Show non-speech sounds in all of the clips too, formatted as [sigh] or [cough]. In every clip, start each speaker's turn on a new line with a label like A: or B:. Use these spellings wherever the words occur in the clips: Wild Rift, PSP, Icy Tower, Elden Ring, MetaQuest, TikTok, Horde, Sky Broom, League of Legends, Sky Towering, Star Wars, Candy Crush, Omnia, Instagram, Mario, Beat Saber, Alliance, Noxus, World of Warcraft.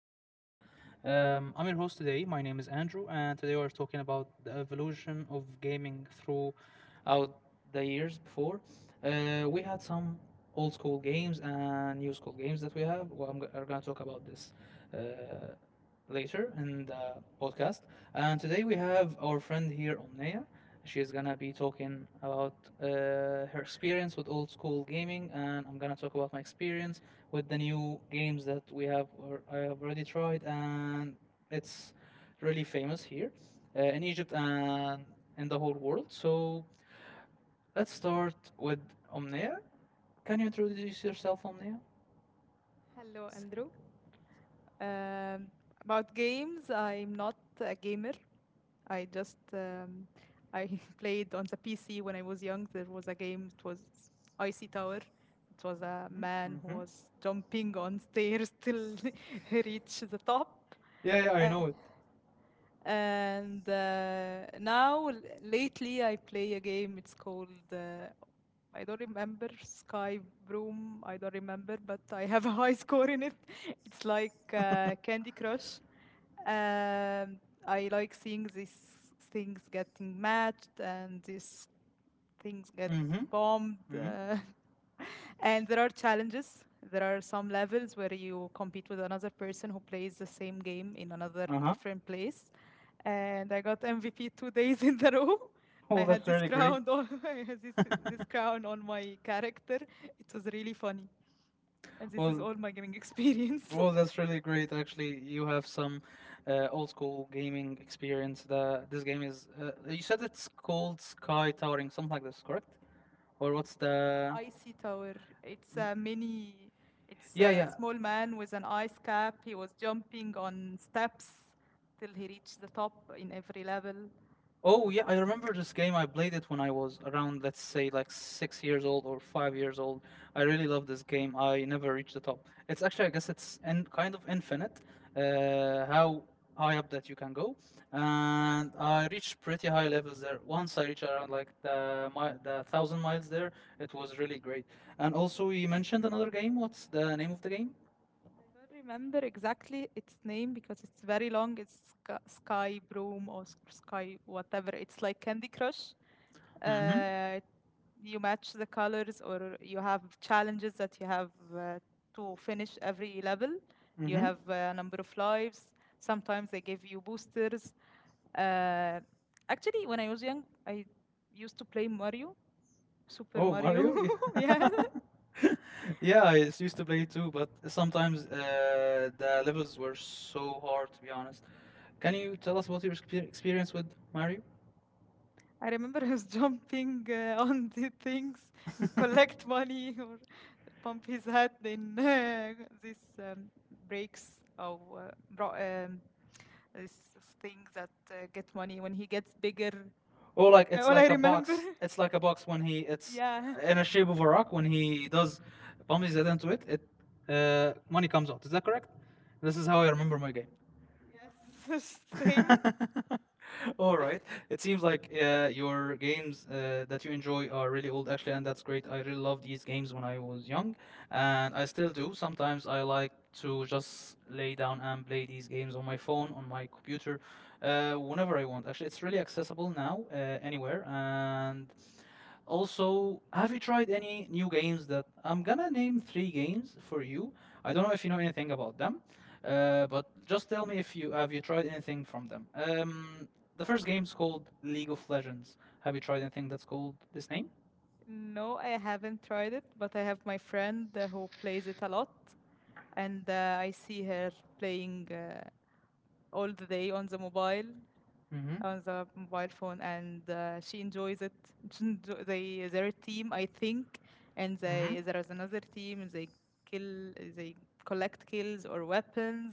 A: broadcast. I'm your host today. My name is Andrew, and today we're talking about the evolution of gaming throughout the years before. We had some old school games and new school games that we have. Well, are going to talk about this Uh, later in the podcast. And today we have our friend here, Omnia. She is gonna be talking about uh, her experience with old school gaming, and I'm gonna talk about my experience with the new games that we have or I have already tried, and it's really famous here in Egypt and in the whole world. So let's start with Omnia. Can you introduce yourself, Omnia?
B: Hello, Andrew. Um, about games, I'm not a gamer. I just I [laughs] played on the PC when I was young. There was a game. It was Icy Tower. It was a man who
A: Mm-hmm.
B: was jumping on stairs [laughs] till [laughs] he reached the top.
A: Yeah, yeah, I
B: Uh,
A: know it.
B: and Now, lately, I play a game. It's called, I don't remember, Sky Broom. I don't remember, but I have a [laughs] high score in it. [laughs] It's like Candy Crush. Um, I like seeing these things getting matched and this things get
A: Mm-hmm.
B: bombed.
A: Mm-hmm.
B: [laughs] And there are challenges. There are some levels where you compete with another person who plays the same game in another
A: Uh-huh.
B: different place. And I got MVP two days in a [laughs] row.
A: [laughs]
B: I
A: Oh,
B: had
A: that's
B: this
A: really great.
B: crown on [laughs] I had this
A: [laughs]
B: crown on my character. It was really funny. And this is
A: Well,
B: all my gaming experience. [laughs]
A: that's really great. Actually, you have some old school gaming experience. The this game is. You said it's called Sky Towering, something like this, correct? Or what's the?
B: Icy Tower. It's a mini, it's
A: Yeah,
B: a
A: yeah.
B: small man with an ice cap. He was jumping on steps till he reached the top in every level.
A: Oh yeah, I remember this game. I played it when I was around, let's say, like 6 years old or 5 years old. I really love this game. I never reached the top. It's actually, I guess, it's in, kind of infinite, how high up that you can go. And I reached pretty high levels there. Once I reached around like the thousand miles there, it was really great. And also, you mentioned another game. What's the name of the game?
B: Don't remember exactly its name because it's very long. It's Sky Broom or Sky whatever. It's like Candy Crush.
A: Mm-hmm.
B: Uh, you match the colors, or you have challenges that you have to finish every level. You
A: Mm-hmm.
B: have a number of lives. Sometimes they give you boosters. Uh, actually, when I was young, I used to play Mario, Super Oh,
A: Oh,
B: Mario.
A: Mario.
B: [laughs] Yeah,
A: [laughs] Yeah, used to play too, but sometimes the levels were so hard, to be honest. Can you tell us what your experience with Mario?
B: I remember he was [laughs] jumping on the things,
A: [laughs]
B: collect money or pump his head in this breaks or this thing that get money when he gets bigger.
A: Oh, like it's
B: All I
A: like a
B: remember,
A: box. It's like a box when he
B: [laughs]
A: it's
B: yeah,
A: in a shape of a rock. When he does bumps his head into it, money comes out. Is that correct? This is how I remember my game.
B: yes, [laughs] same.
A: [laughs] All right. It seems like your games that you enjoy are really old, actually, and that's great. I really loved these games when I was young, and I still do. Sometimes I like to just lay down and play these games on my phone, on my computer, whenever I want. Actually, it's really accessible now, anywhere, and also, have you tried any new games that I'm gonna name three games for you? I don't know if you know anything about them, but just tell me if you tried anything from them. The first game is called League of Legends. Have you tried anything that's called this name?
B: No, I haven't tried it, but I have my friend who plays it a lot, and I see her playing all the day on the
A: Mm-hmm.
B: mobile phone and she enjoys it. [laughs] They, their team I think, and they
A: Mm-hmm.
B: there is another team and they collect kills or weapons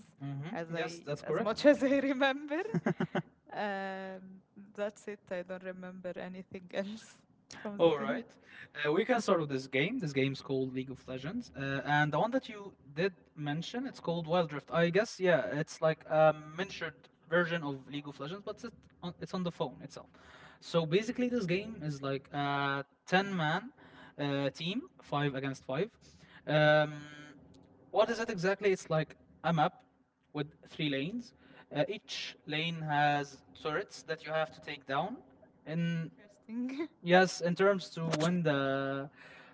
A: Mm-hmm. Yes, that's
B: as
A: correct.
B: much [laughs] as I remember.
A: [laughs]
B: um, that's it. I don't remember anything else [laughs] from
A: [laughs]
B: this
A: All
B: game.
A: right. We can start with this game. This game's called League of Legends. And the one that you did mention, it's called Wild Rift. I guess, yeah, it's like a miniatured version of League of Legends, but it's on the phone itself. So basically, this game is like a 10 man team, 5 against 5. Um, what is it exactly? It's like a map with 3 lanes. Each lane has turrets that you have to take down in
B: Interesting.
A: Yes, in terms to win the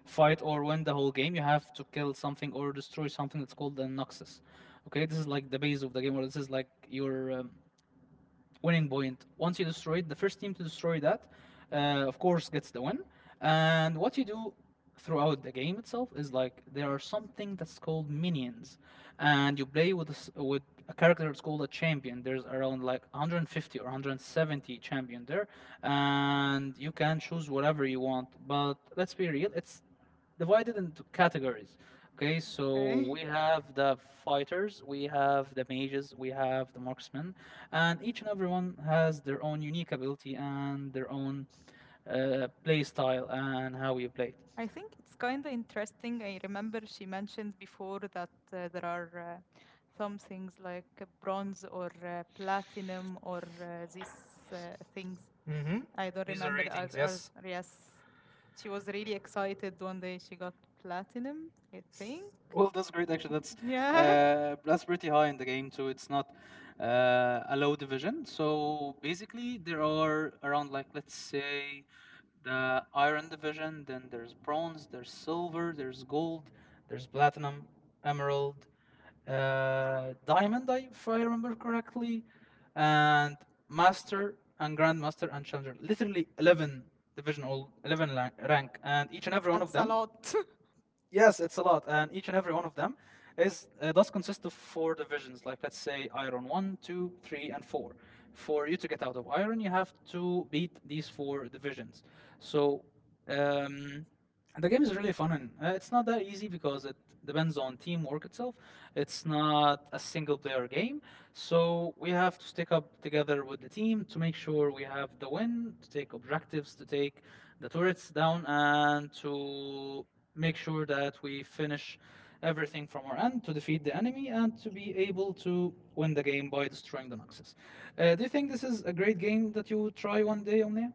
A: fight or win the whole game, you have to kill something or destroy something that's called the Noxus. Okay, this is like the base of the game, or this is like your winning point. Once you destroy it, the first team to destroy that, uh, of course, gets the win. And what you do throughout the game itself is like there are something that's called minions, and you play with a s with a character that's called a champion. There's around like 150 or 170 champion there, and you can choose whatever you want. But let's be real, it's divided into categories. Okay,
B: [laughs]
A: so
B: Okay.
A: we have the fighters, we have the mages, we have the marksmen, and each and everyone has their own unique ability and their own play style and how you play.
B: I think it's kind of interesting. I remember she mentioned before that there are some things like bronze or platinum or these things.
A: hmm
B: I don't
A: These are
B: remember. Rare, as
A: ratings,
B: or
A: yes.
B: yes. She was really excited one day she got platinum, I think.
A: Well, that's great. Actually,
B: Yeah, [laughs]
A: that's pretty high in the game too. It's not a low division. So basically, there are around like let's say the iron division. Then there's bronze. There's silver. There's gold. There's platinum, emerald, diamond. If I remember correctly, and master and grandmaster and challenger. Literally 11 division, all 11 rank, and each and every one of
B: that's a
A: them
B: lot. [laughs]
A: Yes, it's a lot, and each and every one of them is does consist of 4 divisions. Like let's say iron 1, 2, 3, and 4. For you to get out of iron, you have to beat these 4 divisions. So um, the game is really fun, and it's not that easy because it depends on teamwork itself. It's not a single player game, so we have to stick up together with the team to make sure we have the win, to take objectives, to take the turrets down, and to make sure that we finish everything from our end to defeat the enemy and to be able to win the game by destroying the Noxus. Do you think this is a great game that you try one day, Omnia?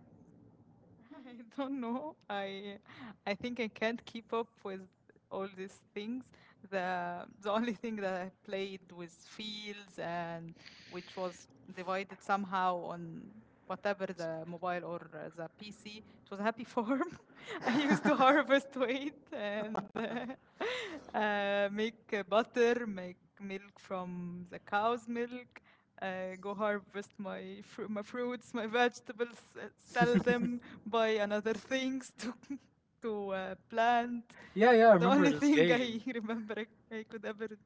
B: [laughs] I don't know. I think I can't keep up with all these things. The the only thing that I played was fields, and which was divided somehow on whatever the mobile or the PC. It was a happy farm. [laughs] I used to harvest wheat and [laughs] make butter, make milk from the cow's milk. Go harvest my my fruits, my vegetables, sell
A: [laughs]
B: them, buy another things to [laughs] to plant.
A: Yeah, yeah, I
B: It's the
A: remember
B: only
A: this
B: thing I
A: game.
B: [laughs] remember I could ever do.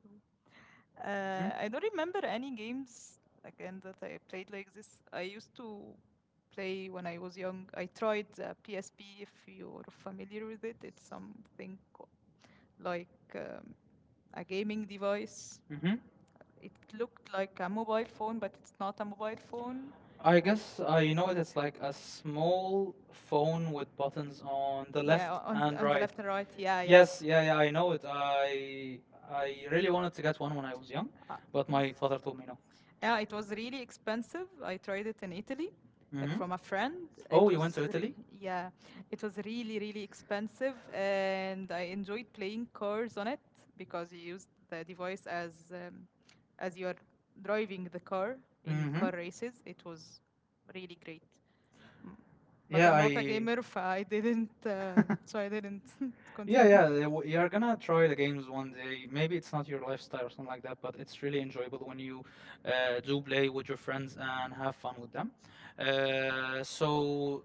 A: hmm
B: I don't remember any games again that I played like this. I used to play when I was young. I tried the PSP. If you're familiar with it, it's something like a gaming device.
A: Mm-hmm.
B: It looked like a mobile phone, but it's not a mobile phone. I
A: I
B: guess
A: guess
B: I
A: I know
B: know
A: it. It's
B: it's like
A: like a
B: a small
A: small
B: phone
A: phone with
B: with
A: buttons on the
B: buttons on. Yeah,
A: left and
B: on the
A: right.
B: left and right. Yeah, yeah. Yes,
A: Yes,
B: yeah,
A: yeah,
B: yeah,
A: yeah, I
B: I
A: know
B: know
A: it.
B: it. I,
A: I
B: I
A: really
B: really
A: wanted to
B: wanted
A: get one when I
B: to get
A: was
B: one
A: young,
B: when I was young. But
A: but
B: my
A: my father
B: father
A: told
B: told
A: me
B: me
A: no.
B: not to. Yeah, it was really expensive. I tried it in Italy
A: Mm-hmm.
B: from a friend. It
A: Oh,
B: Oh,
A: you went to Italy?
B: yeah, it was really really expensive, and I enjoyed playing cars on it because you used the device as you are driving the car in
A: Mm-hmm.
B: car races. It was really great. Mm, but yeah,
A: Yeah,
B: I'm not a
A: I
B: gamer, [laughs] so I didn't. So I didn't [laughs]
A: yeah
B: continue.
A: yeah
B: Yeah, yeah.
A: you're gonna try the games one day. Maybe it's not your lifestyle or something like that, but it's really enjoyable when you do play with your friends and have fun with them. So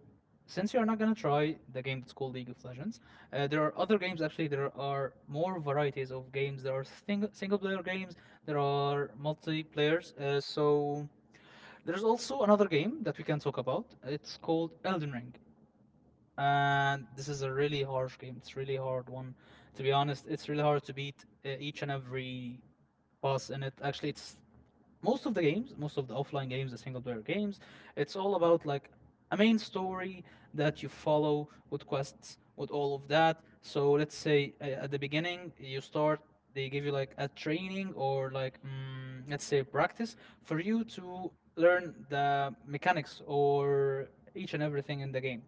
A: since you're not gonna try the game that's called League of Legends, there are other games actually. There are more varieties of games. There are single player games. There are multiplayers. So there's also another game that we can talk about. It's called Elden Ring. And this is a really harsh game. It's really hard one. To be honest, it's really hard to beat each and every boss in it. Actually, it's most of the games, most of the offline games, the single player games, it's all about like a main story that you follow with quests, with all of that. So let's say at the beginning you start, they give you like a training or like let's say practice for you to learn the mechanics or each and everything in the game.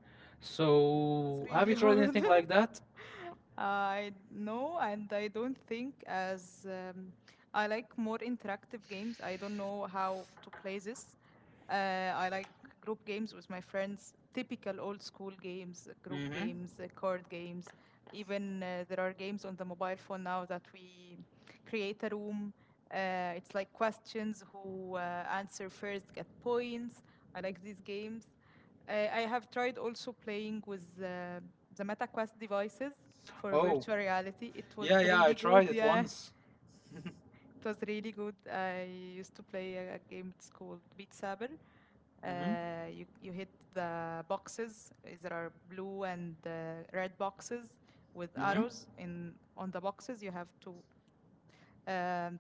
B: It's
A: So, have you
B: really
A: tried
B: hard.
A: anything like
B: [laughs]
A: that?
B: I no, and I don't think as I like more interactive games. I don't know how to play this. Uh, I like group games with my friends, typical old school games, group
A: Mm-hmm.
B: games, card games. Even there are games on the mobile phone now that we create a room. It's like questions who answer first get points. I like these games. I have tried also playing with the MetaQuest devices for
A: Oh,
B: virtual reality. It was
A: yeah, yeah, I
B: really good,
A: tried it
B: yeah.
A: once.
B: It was really good. I used to play a game. It's called Beat Saber.
A: Mm-hmm.
B: You hit the boxes. There are blue and red boxes with
A: Mm-hmm.
B: arrows. In on the boxes, you have to um,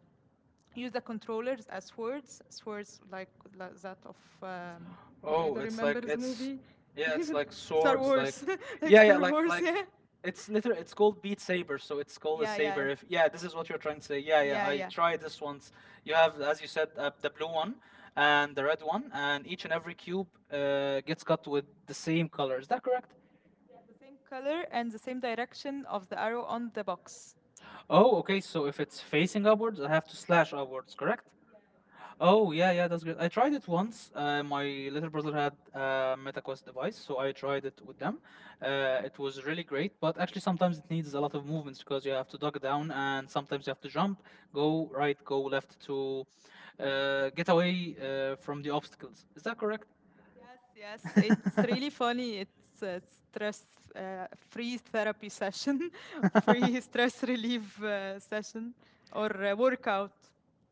B: use the controllers as swords, swords like that of I
A: Oh,
B: don't
A: it's
B: remember
A: like
B: the
A: it's,
B: movie, [laughs]
A: yeah, it's like
B: Star
A: swords,
B: Wars, [laughs] like
A: yeah, yeah,
B: Star Wars,
A: like,
B: yeah.
A: it's liter. It's called Beat Saber, so it's called a
B: Yeah, yeah.
A: saber. If yeah, this is what you're trying to say. Yeah, yeah,
B: Yeah,
A: I
B: yeah.
A: tried this once. You have, as you said, the blue one and the red one, and each and every cube gets cut with the same color. Is that correct?
B: The same color and the same direction of the arrow on the box.
A: Oh, okay. So if it's facing upwards, I have to slash upwards, correct? Oh, yeah, yeah, that's good. I tried it once. My little brother had a MetaQuest device, so I tried it with them. It was really great, but actually, sometimes it needs a lot of movements because you have to duck down and sometimes you have to jump, go right, go left to get away from the obstacles. Is that correct?
B: Yes, yes, it's really
A: [laughs]
B: funny. It's a stress free therapy session, [laughs] free stress relief session, or workout.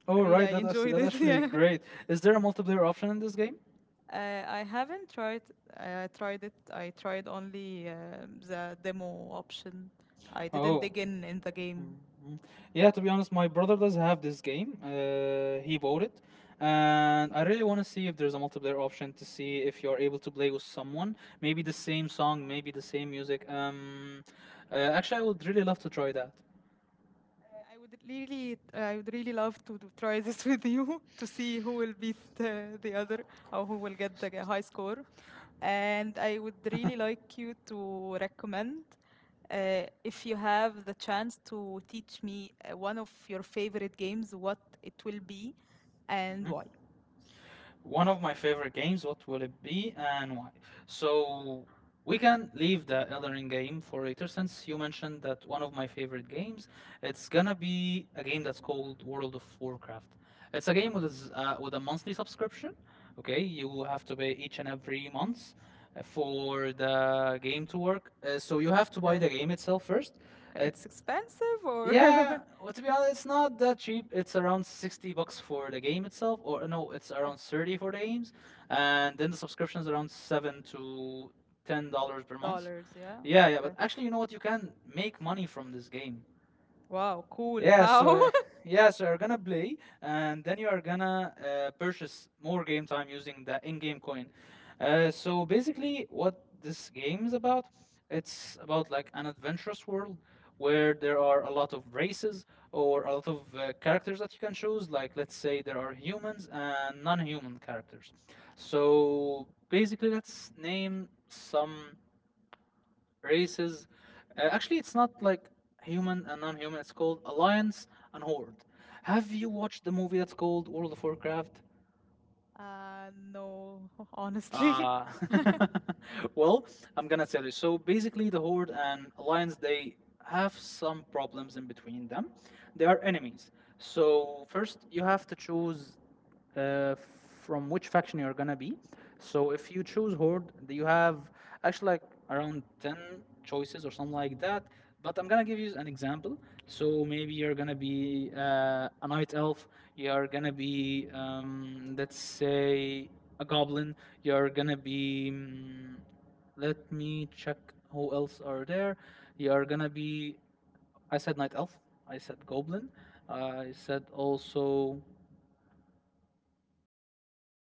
A: Oh,
B: Really,
A: right.
B: I enjoyed
A: That's
B: it.
A: actually
B: [laughs]
A: great. Is there a multiplayer option in this game?
B: Yeah, I haven't tried. I tried it. I tried only the demo option. I didn't
A: Oh.
B: dig in the game.
A: Mhm. Yeah, to be honest, my brother does have this game. He bought it, and I really want to see if there's a multiplayer option to see if you're able to play with someone. Maybe the same song, maybe the same music. Actually, I would really love to try that.
B: I would really love to try [laughs] this with you [laughs] to see who will beat the other or who will get the high score. And I would really like you to recommend, if you have the chance, to teach me one of your favorite games, what it will be and why.
A: Mm-hmm. One of my favorite games. What will it be and why? So we can leave the Elden Ring game for later since you mentioned that one of my favorite games. It's gonna be a game that's called World of Warcraft. It's a game with with a monthly subscription. Okay, you have to pay each and every month for the game to work. So you have to buy the
B: Okay,
A: game itself first. It
B: it's expensive
A: yeah,
B: or
A: well, to be honest, it's not that cheap. It's around 60 bucks for the game itself, or no,
B: [laughs]
A: it's
B: okay.
A: around 30 for the games. And then the subscription is around 7 to $10 per month.
B: Dollars, yeah. Yeah,
A: Yeah, yeah,
B: okay.
A: but actually, you know what? You can make money from this game.
B: Wow, cool. Yeah.
A: Yeah, so
B: How?
A: uh,
B: [laughs]
A: yeah, so you're gonna play, and then you are gonna purchase more game time using the in-game coin. So basically, what this game is about, it's about like an adventurous world where there are a lot of races or a lot of characters that you can choose. Like let's say there are humans and non-human characters. So basically, let's name some races. Actually, it's not like human and non-human. It's called Alliance and Horde. Have you watched the movie that's called World of Warcraft?
B: No, [laughs] honestly.
A: Uh,
B: [laughs]
A: [laughs] well, I'm gonna tell you. So basically, the Horde and Alliance they have some problems in between them. They are enemies. So first, you have to choose from which faction you're gonna be. So if you choose Horde, you have actually like around 10 choices or something like that. But I'm gonna give you an example. So maybe you're gonna be a night elf. You're gonna be, let's say, a goblin. You're gonna be. Let me check who else are there. You're gonna be. I said night elf. I said goblin. I said also